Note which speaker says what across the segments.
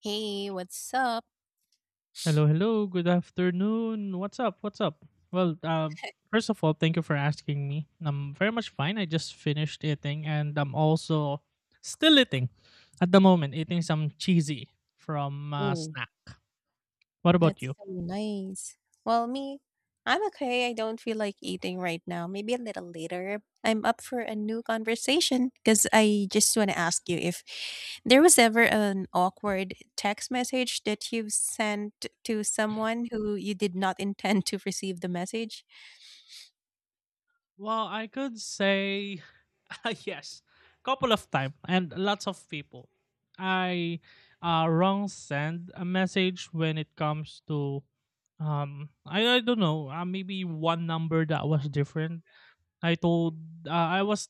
Speaker 1: Hey, what's up?
Speaker 2: Hello, hello. Good afternoon. What's up? What's up? Well, first of all, thank you for asking me. I'm very much fine. I just finished eating and I'm also still eating at the moment, eating some cheesy from
Speaker 1: Oh,
Speaker 2: snack. What about
Speaker 1: that's
Speaker 2: you?
Speaker 1: so nice. Well, me, I'm okay. I don't feel like eating right now. Maybe a little later. I'm up for a new conversation because I just want to ask you if there was ever an awkward text message that you've sent to someone who you did not intend to receive the message.
Speaker 2: Well, I could say yes, couple of time and lots of people. I wrong send a message when it comes to I don't know maybe one number that was different. I told I was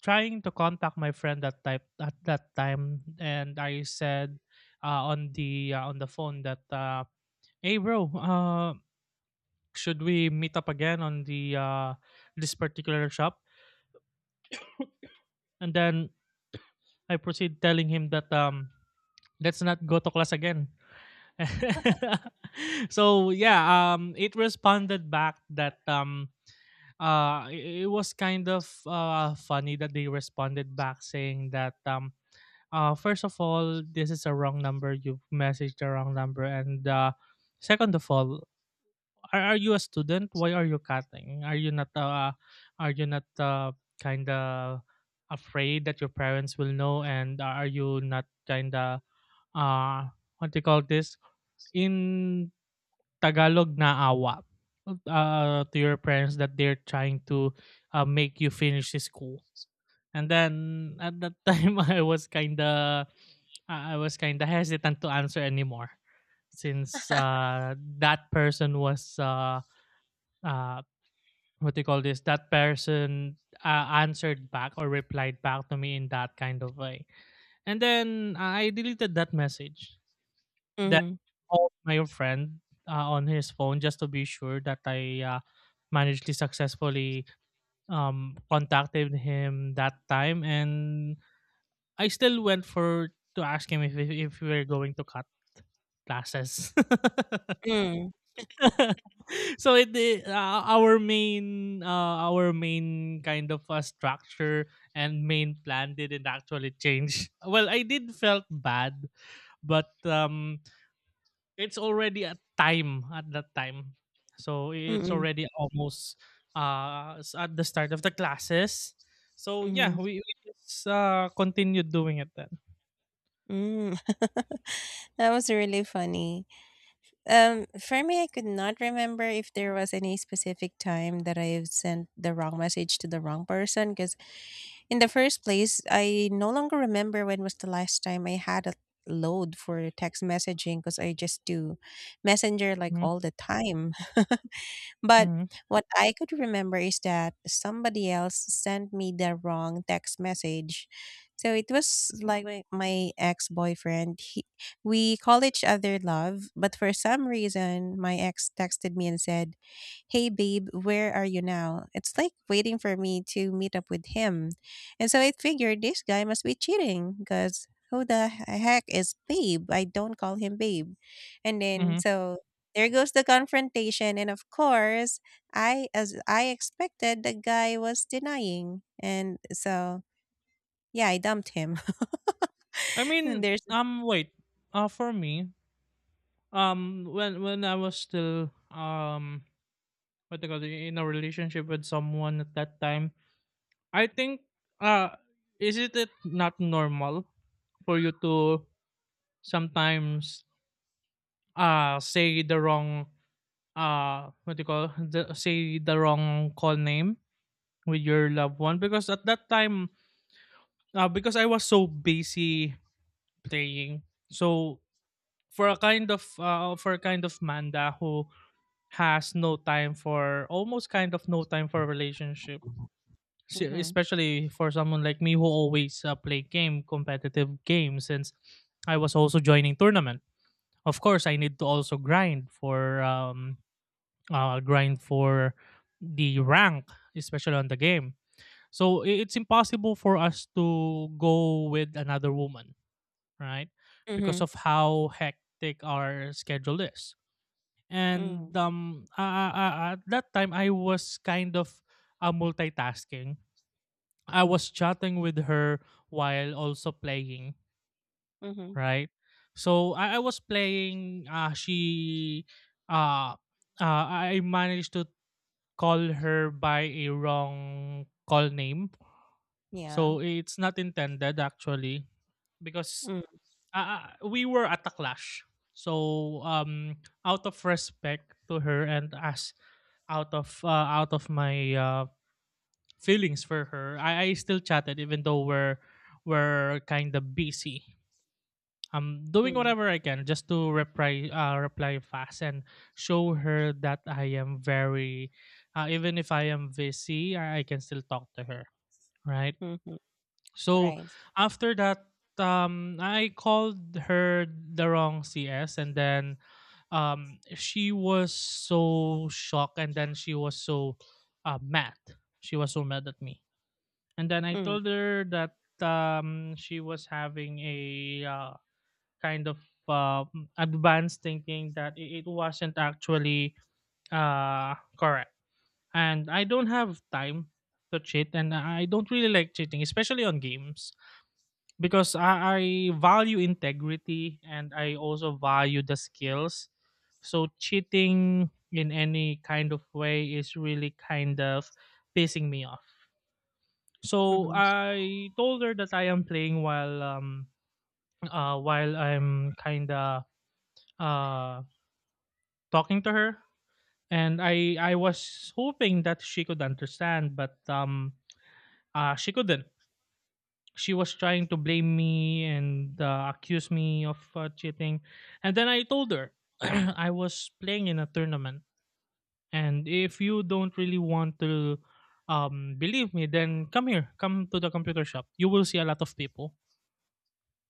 Speaker 2: trying to contact my friend that type at that time, and I said on the on the phone that, "Hey, bro, should we meet up again on the this particular shop?" And then I proceed telling him that, "Let's not go to class again." So yeah, it responded back that, it was kind of funny that they responded back saying that, first of all, this is a wrong number. You've messaged the wrong number. And second of all, are you a student? Why are you cutting? Are you not kind of afraid that your parents will know? And are you not kind of what do you call this, in Tagalog naawa, to your parents that they're trying to make you finish the school? And then at that time, I was kinda hesitant to answer anymore, since that person was uh, what do you call this? That person answered back or replied back to me in that kind of way. And then I deleted that message. Then
Speaker 1: Mm.
Speaker 2: I called my friend on his phone just to be sure that I managed to successfully, contacted him that time, and I still went for to ask him if we were going to cut classes.
Speaker 1: Mm.
Speaker 2: So our main, our main kind of structure and main plan didn't actually change. Well, I did felt bad, but it's already a time at that time. So
Speaker 1: Hmm.
Speaker 2: it's
Speaker 1: Mm.
Speaker 2: already almost at the start of the classes. So yeah,
Speaker 1: Hmm.
Speaker 2: we just continued doing it then.
Speaker 1: Mm. That was really funny. For me, I could not remember if there was any specific time that I have sent the wrong message to the wrong person. Because in the first place, I no longer remember when was the last time I had a load for text messaging. Because I just do messenger like
Speaker 2: Mhm,
Speaker 1: all the time. But
Speaker 2: mhm,
Speaker 1: what I could remember is that somebody else sent me the wrong text message. So it was like my ex boyfriend. He We call each other love, but for some reason, my ex texted me and said, "Hey, babe, where are you now?" It's like waiting for me to meet up with him. And so I figured this guy must be cheating because who the heck is babe? I don't call him babe. And then,
Speaker 2: mhm.
Speaker 1: so there goes the confrontation, and of course, I as I expected, the guy was denying, and so yeah, I dumped him.
Speaker 2: I
Speaker 1: And
Speaker 2: mean,
Speaker 1: there's.
Speaker 2: wait. For me, when I was still, what they call it, in a relationship with someone at that time. I think uh, isn't it not normal for you to sometimes say the wrong, what do you call the, say the wrong call name with your loved one? Because at that time, because I was so busy playing, so for a kind of for a kind of Manda who has no time for almost kind of no time for relationship.
Speaker 1: Mm-hmm.
Speaker 2: Especially for someone like me who always play game competitive games, since I was also joining tournament, of course I need to also grind for the rank, especially on the game. So it's impossible for us to go with another woman, right?
Speaker 1: Mm-hmm.
Speaker 2: Because of how hectic our schedule is.
Speaker 1: Mm.
Speaker 2: And at that time I was kind of multitasking. I was chatting with her while also playing,
Speaker 1: Mm-hmm.
Speaker 2: right? So I was playing, she uh, uh I managed to call her by a wrong call name.
Speaker 1: Yeah.
Speaker 2: So it's not intended actually, because
Speaker 1: Mm.
Speaker 2: we were at a clash. So, out of respect to her, and as out of my feelings for her, I still chatted even though we're kind of busy. I'm doing
Speaker 1: Mm.
Speaker 2: whatever I can just to reply fast and show her that I am very even if I am busy, I can still talk to her, right?
Speaker 1: Mm-hmm.
Speaker 2: So
Speaker 1: Right.
Speaker 2: after that, I called her the wrong CS, and then, she was so shocked, and then she was so mad. She was so mad at me, and then I
Speaker 1: Mm.
Speaker 2: told her that, she was having a kind of uh, advanced thinking that it wasn't actually correct, and I don't have time to cheat, and I don't really like cheating, especially on games because I value integrity and I also value the skills. So cheating in any kind of way is really kind of pissing me off. So
Speaker 1: Mm-hmm.
Speaker 2: I told her that I am playing while I'm kinda uh talking to her, and I was hoping that she could understand, but she couldn't. She was trying to blame me and accuse me of cheating. And then I told her I was playing in a tournament. And if you don't really want to, believe me, then come here, come to the computer shop. You will see a lot of people.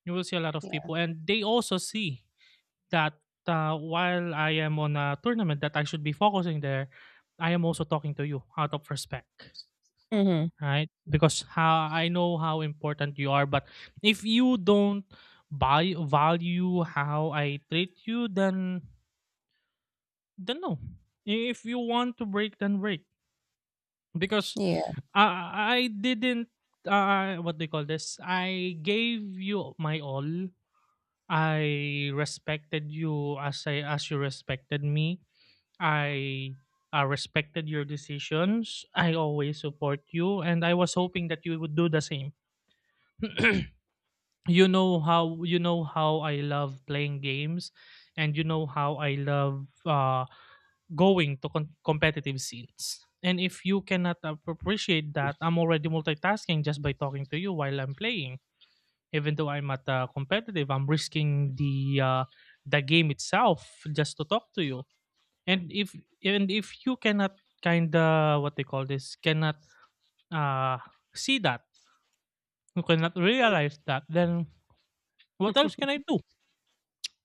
Speaker 2: You will see a lot of
Speaker 1: Yeah.
Speaker 2: people. And they also see that, while I am on a tournament that I should be focusing there, I am also talking to you out of respect,
Speaker 1: Mm-hmm.
Speaker 2: right? Because how I know how important you are, but if you don't buy value how I treat you, then no. If you want to break, then break. Because
Speaker 1: Yeah.
Speaker 2: I didn't, what do you call this? I gave you my all. I respected you as I as you respected me. I respected your decisions. I always support you, and I was hoping that you would do the same. You know how I love playing games, and you know how I love going to competitive scenes. And if you cannot appreciate that, I'm already multitasking just by talking to you while I'm playing. Even though I'm at competitive, I'm risking the the game itself just to talk to you. And if you cannot, kind of what they call this, cannot uh, see that, you cannot realize that, then what else can I do?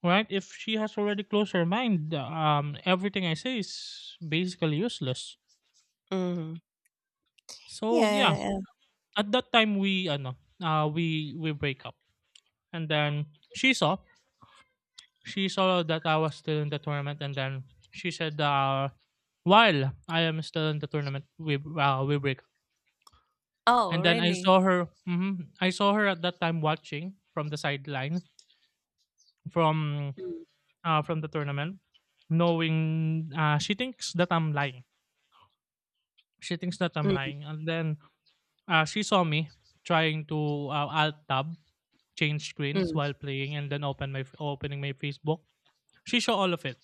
Speaker 2: Right? If she has already closed her mind, everything I say is basically useless.
Speaker 1: Mm-hmm.
Speaker 2: So yeah,
Speaker 1: Yeah.
Speaker 2: at that time we, ano, we break up, and then she saw that I was still in the tournament, and then she said, while I am still in the tournament, we break up.
Speaker 1: Oh,
Speaker 2: And then I
Speaker 1: really?
Speaker 2: saw her. mhm, I saw her at that time watching from the sideline, from
Speaker 1: Mm.
Speaker 2: from the tournament, knowing, she thinks that I'm lying, she thinks that I'm
Speaker 1: Mm.
Speaker 2: lying. And then, she saw me trying to, alt tab, change screens
Speaker 1: Mm.
Speaker 2: while playing, and then opening my Facebook. She saw all of it,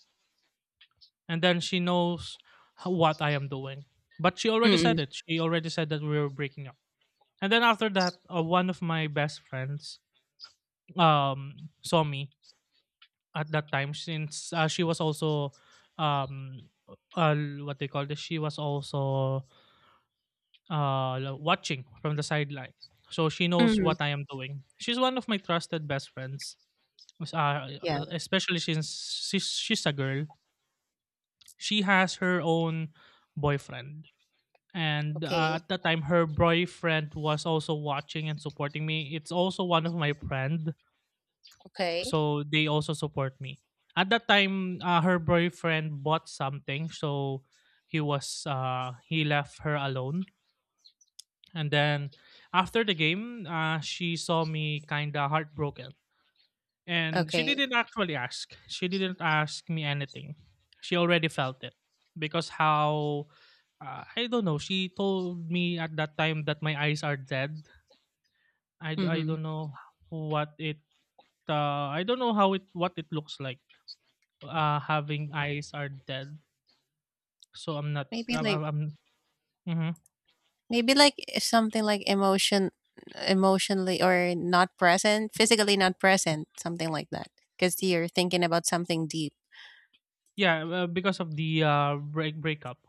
Speaker 2: and then she knows what I am doing. But she already
Speaker 1: Mm.
Speaker 2: said it. She already said that we were breaking up. And then after that, one of my best friends saw me at that time, since she was also, um uh, what they call this. She was also watching from the sideline. So she
Speaker 1: Mm.
Speaker 2: knows
Speaker 1: Mm.
Speaker 2: what I am doing. She's one of my trusted best friends. Mas- uh,
Speaker 1: Yeah.
Speaker 2: Especially since she's a girl. She has her own boyfriend. And
Speaker 1: Okay.
Speaker 2: at that time, her boyfriend was also watching and supporting me. It's also one of my friend,
Speaker 1: Okay.
Speaker 2: so they also support me. At that time, her boyfriend bought something, so he left her alone. And then after the game, she saw me kind of heartbroken. And she
Speaker 1: Okay.
Speaker 2: didn't actually ask. She didn't ask me anything. She already felt it. Because how, I don't know. She told me at that time that my eyes are dead. I
Speaker 1: Mm-hmm.
Speaker 2: don't know what it, I don't know how it what it looks like, having eyes are dead. So I'm not
Speaker 1: Maybe
Speaker 2: I'm,
Speaker 1: like.
Speaker 2: I'm mhm.
Speaker 1: Maybe like something like emotionally or not present, physically not present, something like that. Because you're thinking about something deep.
Speaker 2: Yeah, because of the break breakup.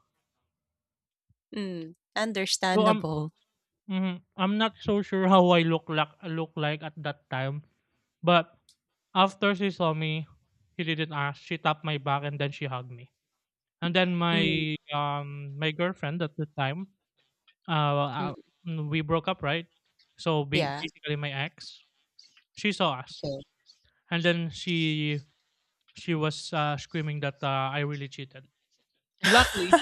Speaker 1: Mm,
Speaker 2: So,
Speaker 1: understandable.
Speaker 2: mhm. I'm not so sure how I look like at that time, but after she saw me, she didn't ask. She tapped my back and then she hugged me. And then
Speaker 1: Mm.
Speaker 2: my my girlfriend at the time, uh, uh
Speaker 1: Mm.
Speaker 2: we broke up, right? So
Speaker 1: Yeah.
Speaker 2: basically, my ex, she saw us,
Speaker 1: Okay.
Speaker 2: and then she was screaming that, I really cheated. Luckily,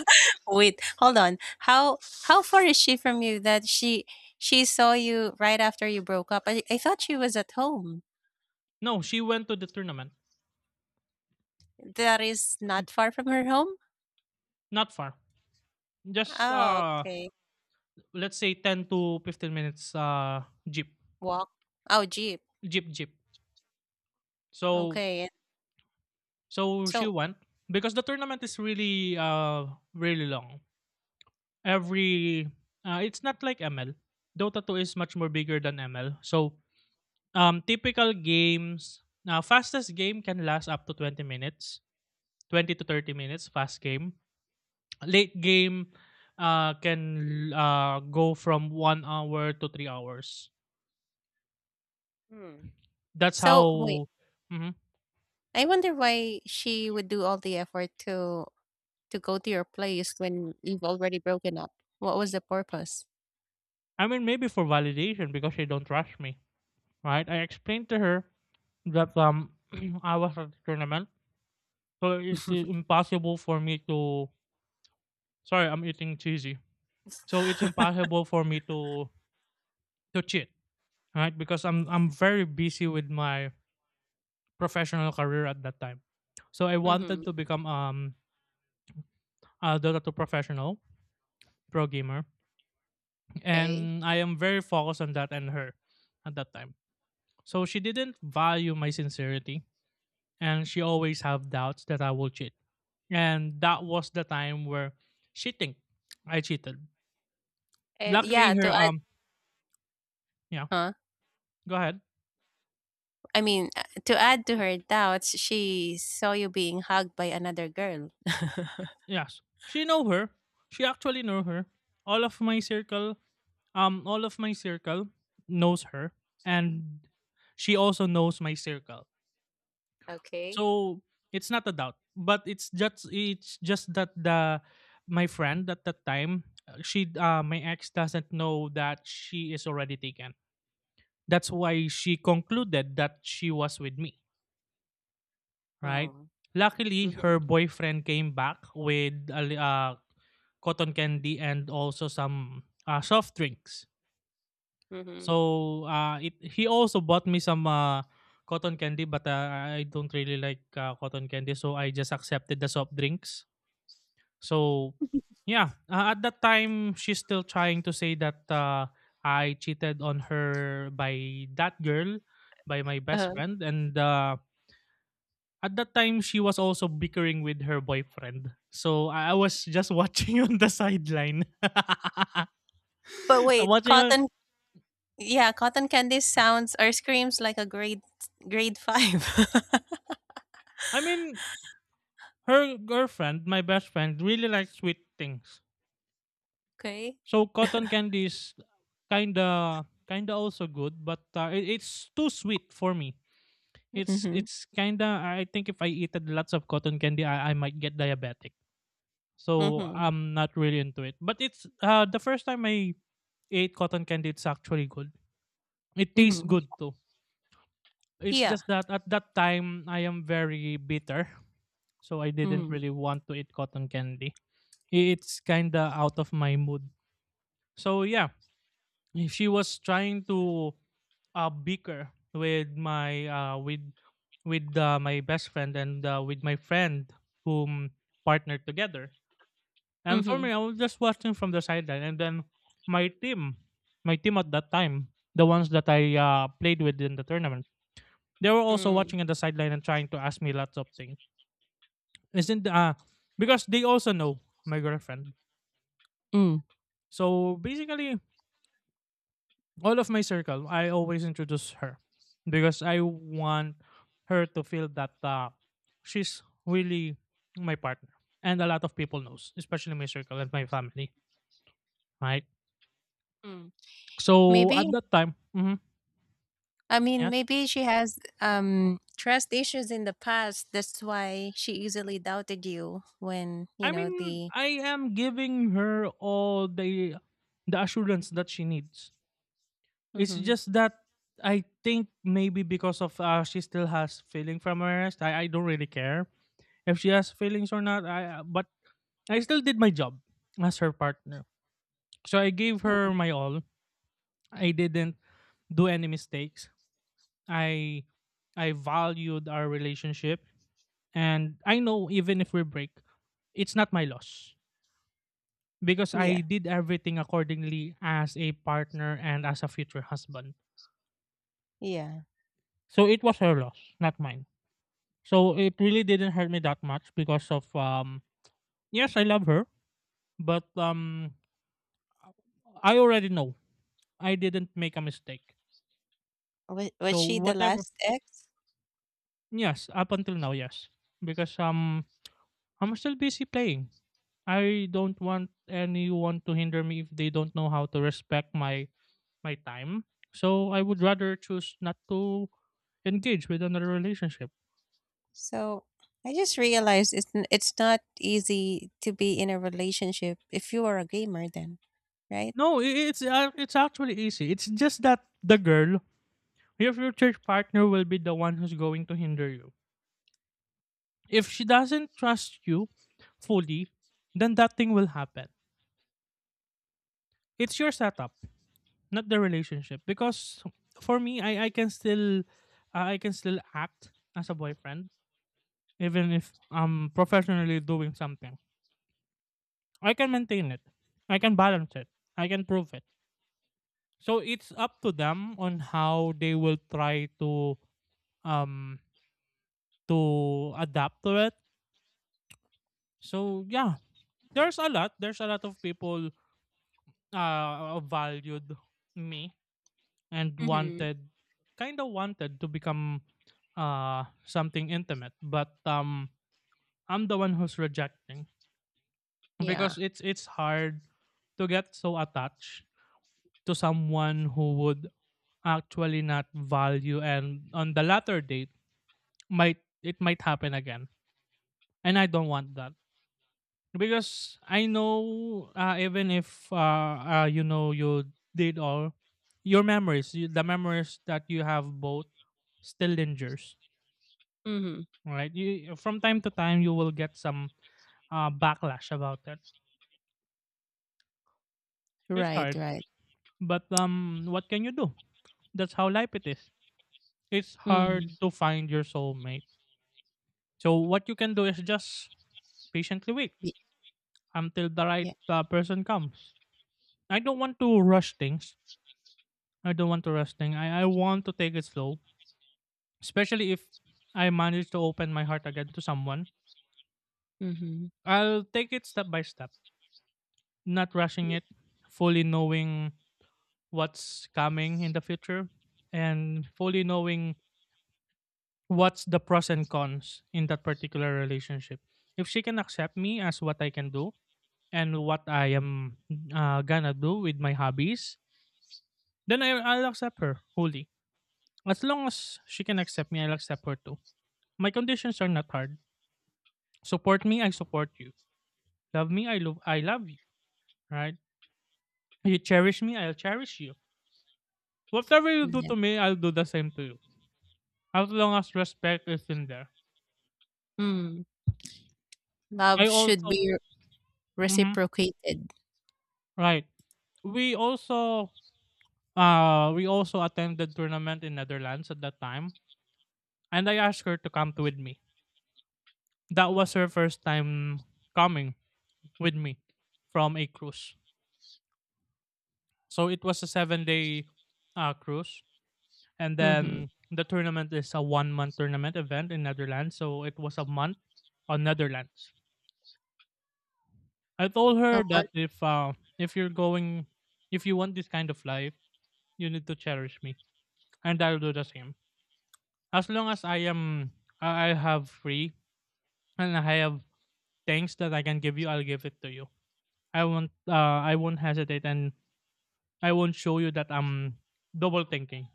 Speaker 1: Wait. Hold on. How far is she from you that she saw you right after you broke up? I thought she was at home.
Speaker 2: no, she went to the tournament,
Speaker 1: That is not far from her home.
Speaker 2: not far, just
Speaker 1: Oh, okay.
Speaker 2: let's say 10 to 15 minutes, jeep.
Speaker 1: Walk. Oh, jeep.
Speaker 2: Jeep, Jeep. So,
Speaker 1: Okay.
Speaker 2: she
Speaker 1: So,
Speaker 2: won because the tournament is really long. Every It's not like ML. Dota 2 is much more bigger than ML. So, typical games now, fastest game can last up to 20 minutes. 20 to 30 minutes fast game. Late game can go from 1 hour to 3 hours.
Speaker 1: hmm.
Speaker 2: That's
Speaker 1: so wait.
Speaker 2: how mhm.
Speaker 1: I wonder why she would do all the effort to go to your place when you've already broken up. What was the purpose?
Speaker 2: I mean, maybe for validation, because she don't rush me, right? I explained to her that I was at the tournament. So it's impossible for me to sorry, I'm eating cheesy. So it's impossible for me to cheat, right? Because I'm very busy with my professional career at that time. So I
Speaker 1: Mm-hmm.
Speaker 2: wanted to become a Dota 2 professional pro gamer,
Speaker 1: Okay.
Speaker 2: and I am very focused on that and her at that time. So she didn't value my sincerity, and she always have doubts that I will cheat. And that was the time where she think I cheated.
Speaker 1: And yeah,
Speaker 2: Luckily, her
Speaker 1: to add.
Speaker 2: yeah,
Speaker 1: Huh?
Speaker 2: go ahead.
Speaker 1: I mean, to add to her doubts, she saw you being hugged by another girl.
Speaker 2: Yes, she know her. She actually know her. All of my circle, um, all of my circle knows her, and she also knows my circle.
Speaker 1: Okay.
Speaker 2: So it's not a doubt, but it's just that the my friend at that time, she my ex doesn't know that she is already taken. That's why she concluded that she was with me, right?
Speaker 1: Oh.
Speaker 2: Luckily,
Speaker 1: Mm-hmm.
Speaker 2: her boyfriend came back with a cotton candy and also some soft drinks.
Speaker 1: Mm-hmm.
Speaker 2: So it, he also bought me some cotton candy, but I don't really like cotton candy, so I just accepted the soft drinks. So yeah, at that time, she's still trying to say that I cheated on her by that girl, by my best
Speaker 1: Uh,
Speaker 2: friend, and at that time she was also bickering with her boyfriend. So I was just watching on the sideline.
Speaker 1: but wait,
Speaker 2: Watching on
Speaker 1: cotton. Yeah, cotton candy sounds or screams like a grade five.
Speaker 2: I mean, her girlfriend, my best friend, really likes sweet things.
Speaker 1: Okay.
Speaker 2: So cotton candy is kinda also good, but it's too sweet for me. It's
Speaker 1: Mm-hmm.
Speaker 2: it's kinda, I think if I eat lots of cotton candy, I might get diabetic. So
Speaker 1: Mm-hmm.
Speaker 2: I'm not really into it. But it's the first time I ate cotton candy, it's actually good. It tastes
Speaker 1: Mm-hmm.
Speaker 2: good too. It's
Speaker 1: Yeah.
Speaker 2: just that at that time I am very bitter, so I didn't
Speaker 1: Mm-hmm.
Speaker 2: really want to eat cotton candy. It's kind of out of my mood. So yeah, she was trying to bicker with my best friend and with my friend whom partnered together. And for
Speaker 1: Mm-hmm.
Speaker 2: me, I was just watching from the sideline, and then my team, my team at that time, the ones that I played with in the tournament. They were also
Speaker 1: Mm.
Speaker 2: watching on the sideline and trying to ask me lots of things. Isn't because they also know my girlfriend. So basically, all of my circle, I always introduce her because I want her to feel that she's really my partner, and a lot of people knows, especially my circle and my family, right?
Speaker 1: Mm.
Speaker 2: So at
Speaker 1: Maybe.
Speaker 2: that time, mhm,
Speaker 1: I mean,
Speaker 2: yes,
Speaker 1: maybe she has trust issues in the past. That's why she easily doubted you when,
Speaker 2: I mean,
Speaker 1: the.
Speaker 2: I am giving her all the assurance that she needs. It's
Speaker 1: Hmm.
Speaker 2: just that I think maybe because of she still has feeling from her arrest. I don't really care if she has feelings or not. I but I still did my job as her partner. So I gave her my all. I didn't do any mistakes. I I valued our relationship, and I know even if we break, it's not my loss because I
Speaker 1: Yeah.
Speaker 2: did everything accordingly as a partner and as a future husband.
Speaker 1: Yeah.
Speaker 2: So it was her loss, not mine. So it really didn't hurt me that much because of yes, I love her, but I already know I didn't make a mistake.
Speaker 1: Was
Speaker 2: So
Speaker 1: she the
Speaker 2: whatever
Speaker 1: last ex?
Speaker 2: yes, up until now, yes. Because I'm still busy playing. I don't want anyone to hinder me if they don't know how to respect my my time. So I would rather choose not to engage with another relationship.
Speaker 1: So I just realized it's not easy to be in a relationship if you are a gamer then, right?
Speaker 2: No, it's actually easy. It's just that the girl your future partner will be the one who's going to hinder you. If she doesn't trust you fully, then that thing will happen. It's your setup, not the relationship. Because for me, I can still act as a boyfriend, even if I'm professionally doing something. I can maintain it. I can balance it. I can prove it. So it's up to them on how they will try um to adapt to it. So yeah, there's a lot of people valued me and
Speaker 1: Mm-hmm.
Speaker 2: wanted kind of wanted to become something intimate, but I'm the one who's rejecting
Speaker 1: Yeah.
Speaker 2: because it's hard to get so attached to someone who would actually not value, and on the latter date might it might happen again, and I don't want that because I know even if you know, you did all your memories, you, the memories that you have both still lingers,
Speaker 1: Mm-hmm.
Speaker 2: right? You from time to time you will get some backlash about it. It's
Speaker 1: Right,
Speaker 2: hard,
Speaker 1: right.
Speaker 2: but what can you do? That's how life it is. It's
Speaker 1: Mm-hmm.
Speaker 2: hard to find your soulmate. So what you can do is just patiently wait until the right
Speaker 1: Yeah.
Speaker 2: person comes. I don't want to rush things. I don't want to rush things. I want to take it slow, especially if I manage to open my heart again to someone,
Speaker 1: Mm-hmm.
Speaker 2: I'll take it step by step, not rushing it, fully knowing what's coming in the future and fully knowing what's the pros and cons in that particular relationship. If she can accept me as what I can do and what I am gonna do with my hobbies, then I'll accept her wholly. As long as she can accept me, I'll accept her too. My conditions are not hard. Support me, I support you. Love me, I love you. Right? You cherish me, I'll cherish you. Whatever you do
Speaker 1: Yeah.
Speaker 2: to me, I'll do the same to you. As long as respect is in there.
Speaker 1: Mm.
Speaker 2: I
Speaker 1: Love should
Speaker 2: also
Speaker 1: be
Speaker 2: mhm,
Speaker 1: reciprocated.
Speaker 2: right. We also we also attended tournament in Netherlands at that time. And I asked her to come to with me. That was her first time coming with me from a cruise. So it was a 7-day cruise. And
Speaker 1: Mm-hmm.
Speaker 2: then the tournament is a 1-month tournament event in Netherlands, so it was a month on Netherlands. I told her
Speaker 1: Amon,
Speaker 2: that if you're going, if you want this kind of life, you need to cherish me, and I'll do the same. As long as I am, I have free and I have things that I can give you, I'll give it to you. I won't hesitate, and I won't show you that I'm double thinking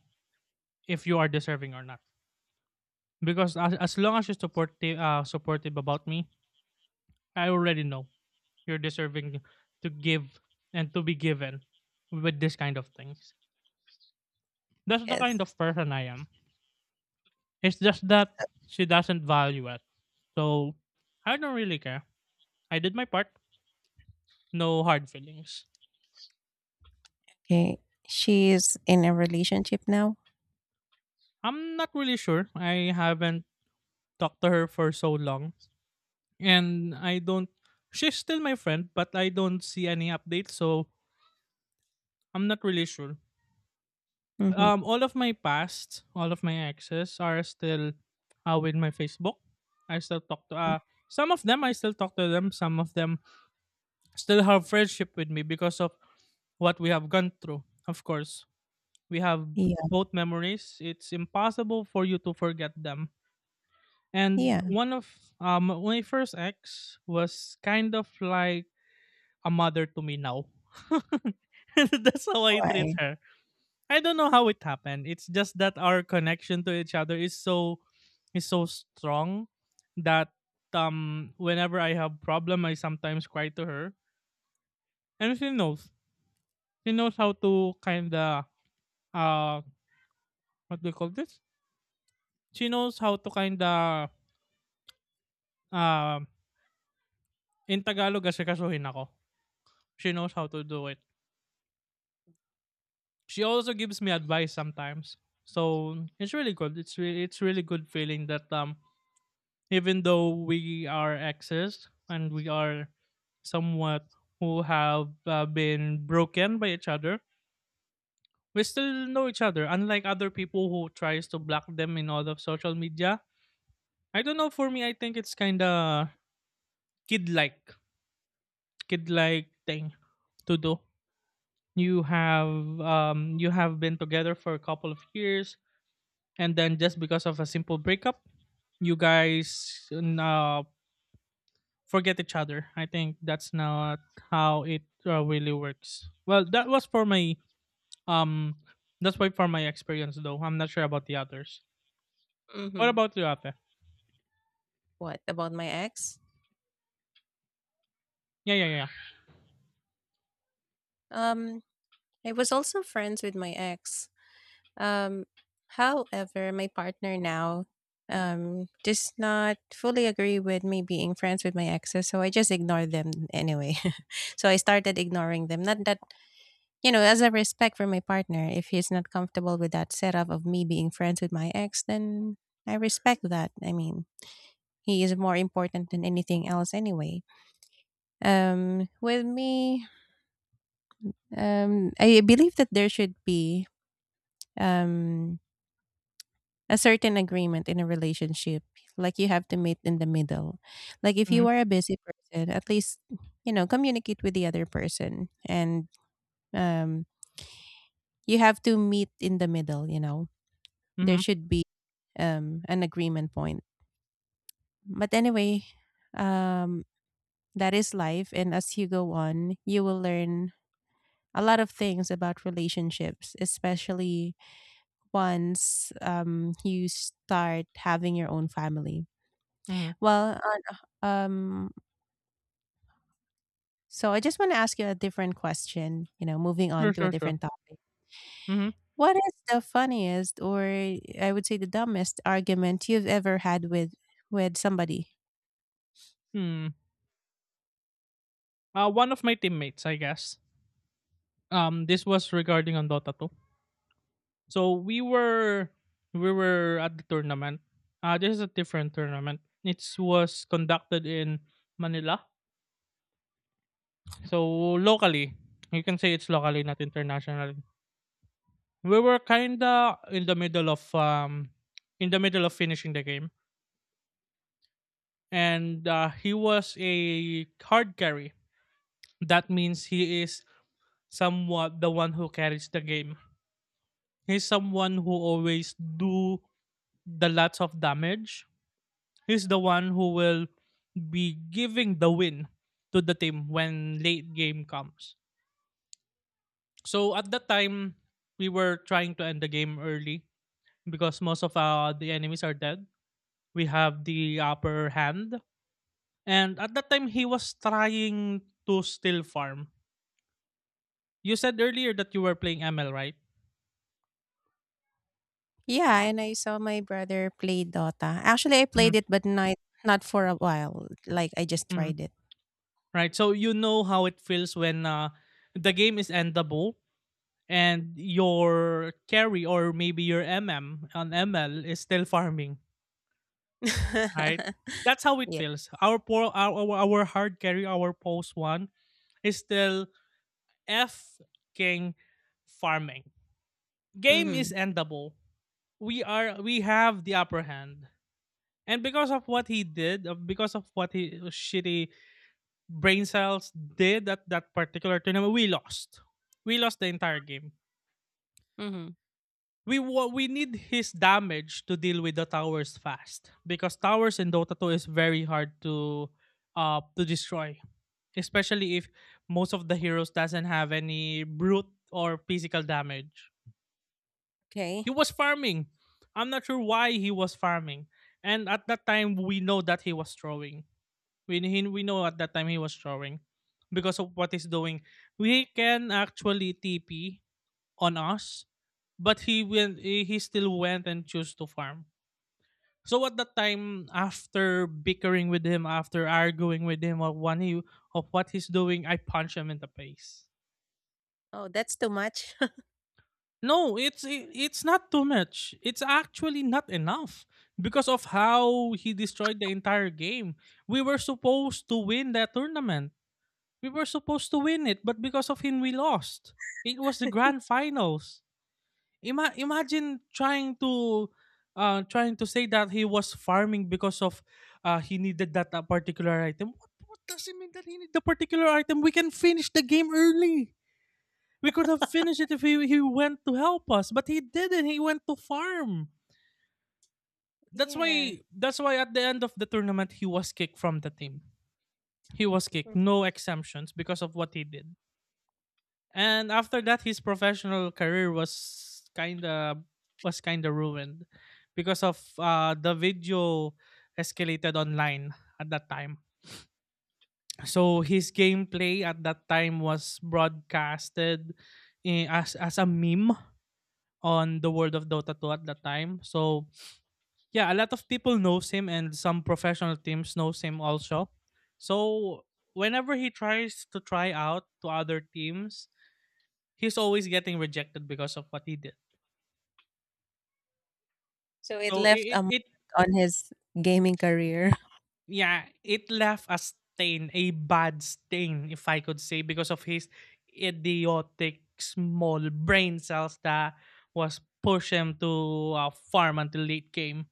Speaker 2: if you are deserving or not. Because as long as you're supportive, supportive about me, I already know you're deserving to give and to be given with this kind of things. That's the
Speaker 1: yes.
Speaker 2: kind of person I am. It's just that she doesn't value it. So I don't really care. I did my part. No hard feelings.
Speaker 1: Okay. She is in a relationship now.
Speaker 2: I'm not really sure. I haven't talked to her for so long. And I don't she's still my friend, but I don't see any updates, so I'm not really sure.
Speaker 1: Mm-hmm.
Speaker 2: Um, all of my past, all of my exes are still with my Facebook. I still talk to some of them I still talk to them, some of them still have friendship with me because of what we have gone through. Of course, we have
Speaker 1: Yeah.
Speaker 2: both memories. It's impossible for you to forget them. And
Speaker 1: Yeah.
Speaker 2: one of my first ex was kind of like a mother to me now. That's how I treat
Speaker 1: Why?
Speaker 2: her. I don't know how it happened. It's just that our connection to each other is so strong that whenever I have problem I sometimes cry to her. And she knows. She knows how to kinda uh what do you call this? She knows how to kinda uh, in Tagalog asikasuhin ako. She knows how to do it. She also gives me advice sometimes. So it's really good. It's really good feeling that even though we are exes and we are somewhat who have been broken by each other, we still know each other, unlike other people who tries to block them in all of social media. I don't know, for me I think it's kind of kid like kid like thing to do. You have you have been together for a couple of years, and then just because of a simple breakup, you guys forget each other. I think that's not how it really works. Well, that was for my um that's why for my experience though. I'm not sure about the others. What
Speaker 1: Mm-hmm.
Speaker 2: about you, Ate?
Speaker 1: What about my ex?
Speaker 2: Yeah, yeah, yeah.
Speaker 1: Um, I was also friends with my ex. Um, However, my partner now does not fully agree with me being friends with my exes, so I just ignore them anyway. So I started ignoring them. Not that as a respect for my partner, if he's not comfortable with that setup of me being friends with my ex, then I respect that. I mean, he is more important than anything else anyway. With me, I believe that there should be um, a certain agreement in a relationship. Like you have to meet in the middle. Like if you
Speaker 2: Mhm.
Speaker 1: are a busy person, at least, communicate with the other person and um, you have to meet in the middle. There
Speaker 2: Mhm.
Speaker 1: should be an agreement point. But anyway, um, that is life. And as you go on, you will learn a lot of things about relationships, especially once you start having your own family.
Speaker 2: Mhm.
Speaker 1: Well, uh, um, so I just want to ask you a different question, moving on
Speaker 2: Sure,
Speaker 1: to a
Speaker 2: sure, sure.
Speaker 1: different topic.
Speaker 2: Mhm.
Speaker 1: What is the funniest or I would say the dumbest argument you've ever had with somebody?
Speaker 2: Hmm. One of my teammates, I guess. Um, this was regarding on Dota 2. So we were at the tournament. This is a different tournament. It was conducted in Manila. So locally, you can say it's locally, not internationally. We were kinda in the middle of in the middle of finishing the game, and he was a hard carry. That means he is somewhat the one who carries the game. He's someone who always do the lots of damage. He's the one who will be giving the win to the team when late game comes. So at that time, we were trying to end the game early because most of the enemies are dead. We have the upper hand. And at that time, he was trying to still farm. You said earlier that you were playing ML, right?
Speaker 1: Yeah, and I saw my brother play Dota. Actually, I
Speaker 2: Hmm.
Speaker 1: played it, but not for a while. Like I just
Speaker 2: Hmm.
Speaker 1: tried it.
Speaker 2: Right. So you know how it feels when the game is endable and your carry or maybe your MM on ML is still farming, right? That's how it
Speaker 1: Yeah.
Speaker 2: feels. Our poor, our, our hard carry, our post one is still F king farming. Game
Speaker 1: Mm-hmm.
Speaker 2: is endable. We have the upper hand. And because of what he did, because of what he shitty brain cells did at that particular tournament, we lost. We lost the entire game.
Speaker 1: Mm-hmm.
Speaker 2: We we need his damage to deal with the towers fast, because towers in Dota 2 is very hard to destroy, especially if most of the heroes doesn't have any brute or physical damage.
Speaker 1: Okay.
Speaker 2: He was farming. I'm not sure why he was farming. And at that time, we know that he was throwing. We know at that time he was throwing because of what he's doing. We can actually TP on us, but he went. He still went and chose to farm. So at that time, after bickering with him, after arguing with him of what he's doing, I punch him in the face.
Speaker 1: Oh, that's too much.
Speaker 2: No, it's it's not too much. It's actually not enough because of how he destroyed the entire game. We were supposed to win that tournament. We were supposed to win it, but because of him we lost. It was the grand finals. Imagine trying to trying to say that he was farming because of he needed that particular item. What does it mean that he need the particular item? We can finish the game early. We could have finished it if he went to help us, but he didn't. He went to farm.
Speaker 1: Yeah.
Speaker 2: That's why at the end of the tournament he was kicked from the team. He was kicked,
Speaker 1: Mm.
Speaker 2: no exemptions, because of what he did. And after that his professional career was kind of ruined because of the video escalated online at that time. So his gameplay at that time was broadcasted, as a meme on the world of Dota 2 at that time. So yeah, a lot of people knows him and some professional teams knows him also. So whenever he tries to try out to other teams, he's always getting rejected because of what he did.
Speaker 1: So it
Speaker 2: So it
Speaker 1: left a
Speaker 2: it, it
Speaker 1: mark on his gaming career.
Speaker 2: yeah, it left a stain, a bad stain, if I could say, because of his idiotic small brain cells that was push him to farm until late game,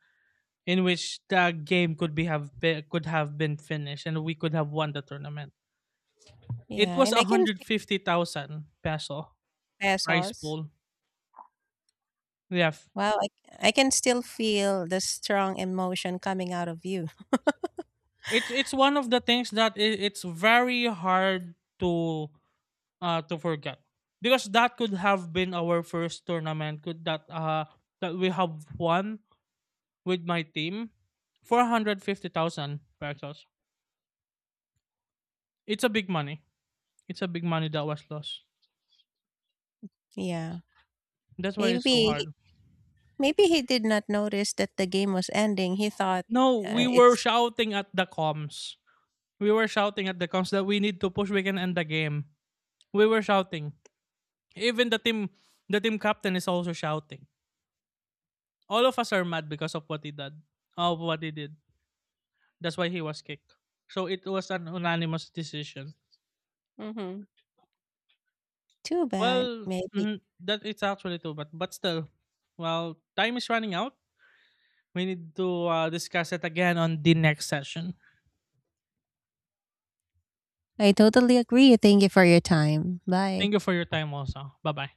Speaker 2: in which the game could be have been, could have been finished and we could have won the tournament. It
Speaker 1: Yeah,
Speaker 2: was
Speaker 1: and I can pay
Speaker 2: 150,000 peso prize
Speaker 1: pesos.
Speaker 2: pool. Yeah.
Speaker 1: Wow, I can still feel the strong emotion coming out of you.
Speaker 2: It's one of the things that it's very hard to forget, because that could have been our first tournament could that that we have won with my team. 450,000 pesos. It's a big money. It's a big money that was lost.
Speaker 1: Yeah.
Speaker 2: That's why it's so
Speaker 1: Maybe
Speaker 2: hard.
Speaker 1: maybe he did not notice that the game was ending. He thought
Speaker 2: No, we were
Speaker 1: it's
Speaker 2: shouting at the comms. We were shouting at the comms that we need to push. We can end the game. We were shouting. Even the team captain is also shouting. All of us are mad because of what he did. Of what he did. That's why he was kicked. So it was an unanimous decision.
Speaker 1: hmm too bad.
Speaker 2: Well,
Speaker 1: Maybe.
Speaker 2: that it's actually too bad. But still, well, time is running out. We need to discuss it again on the next session.
Speaker 1: I totally agree. Thank you for your time. Bye.
Speaker 2: Thank you for your time, also. Bye bye.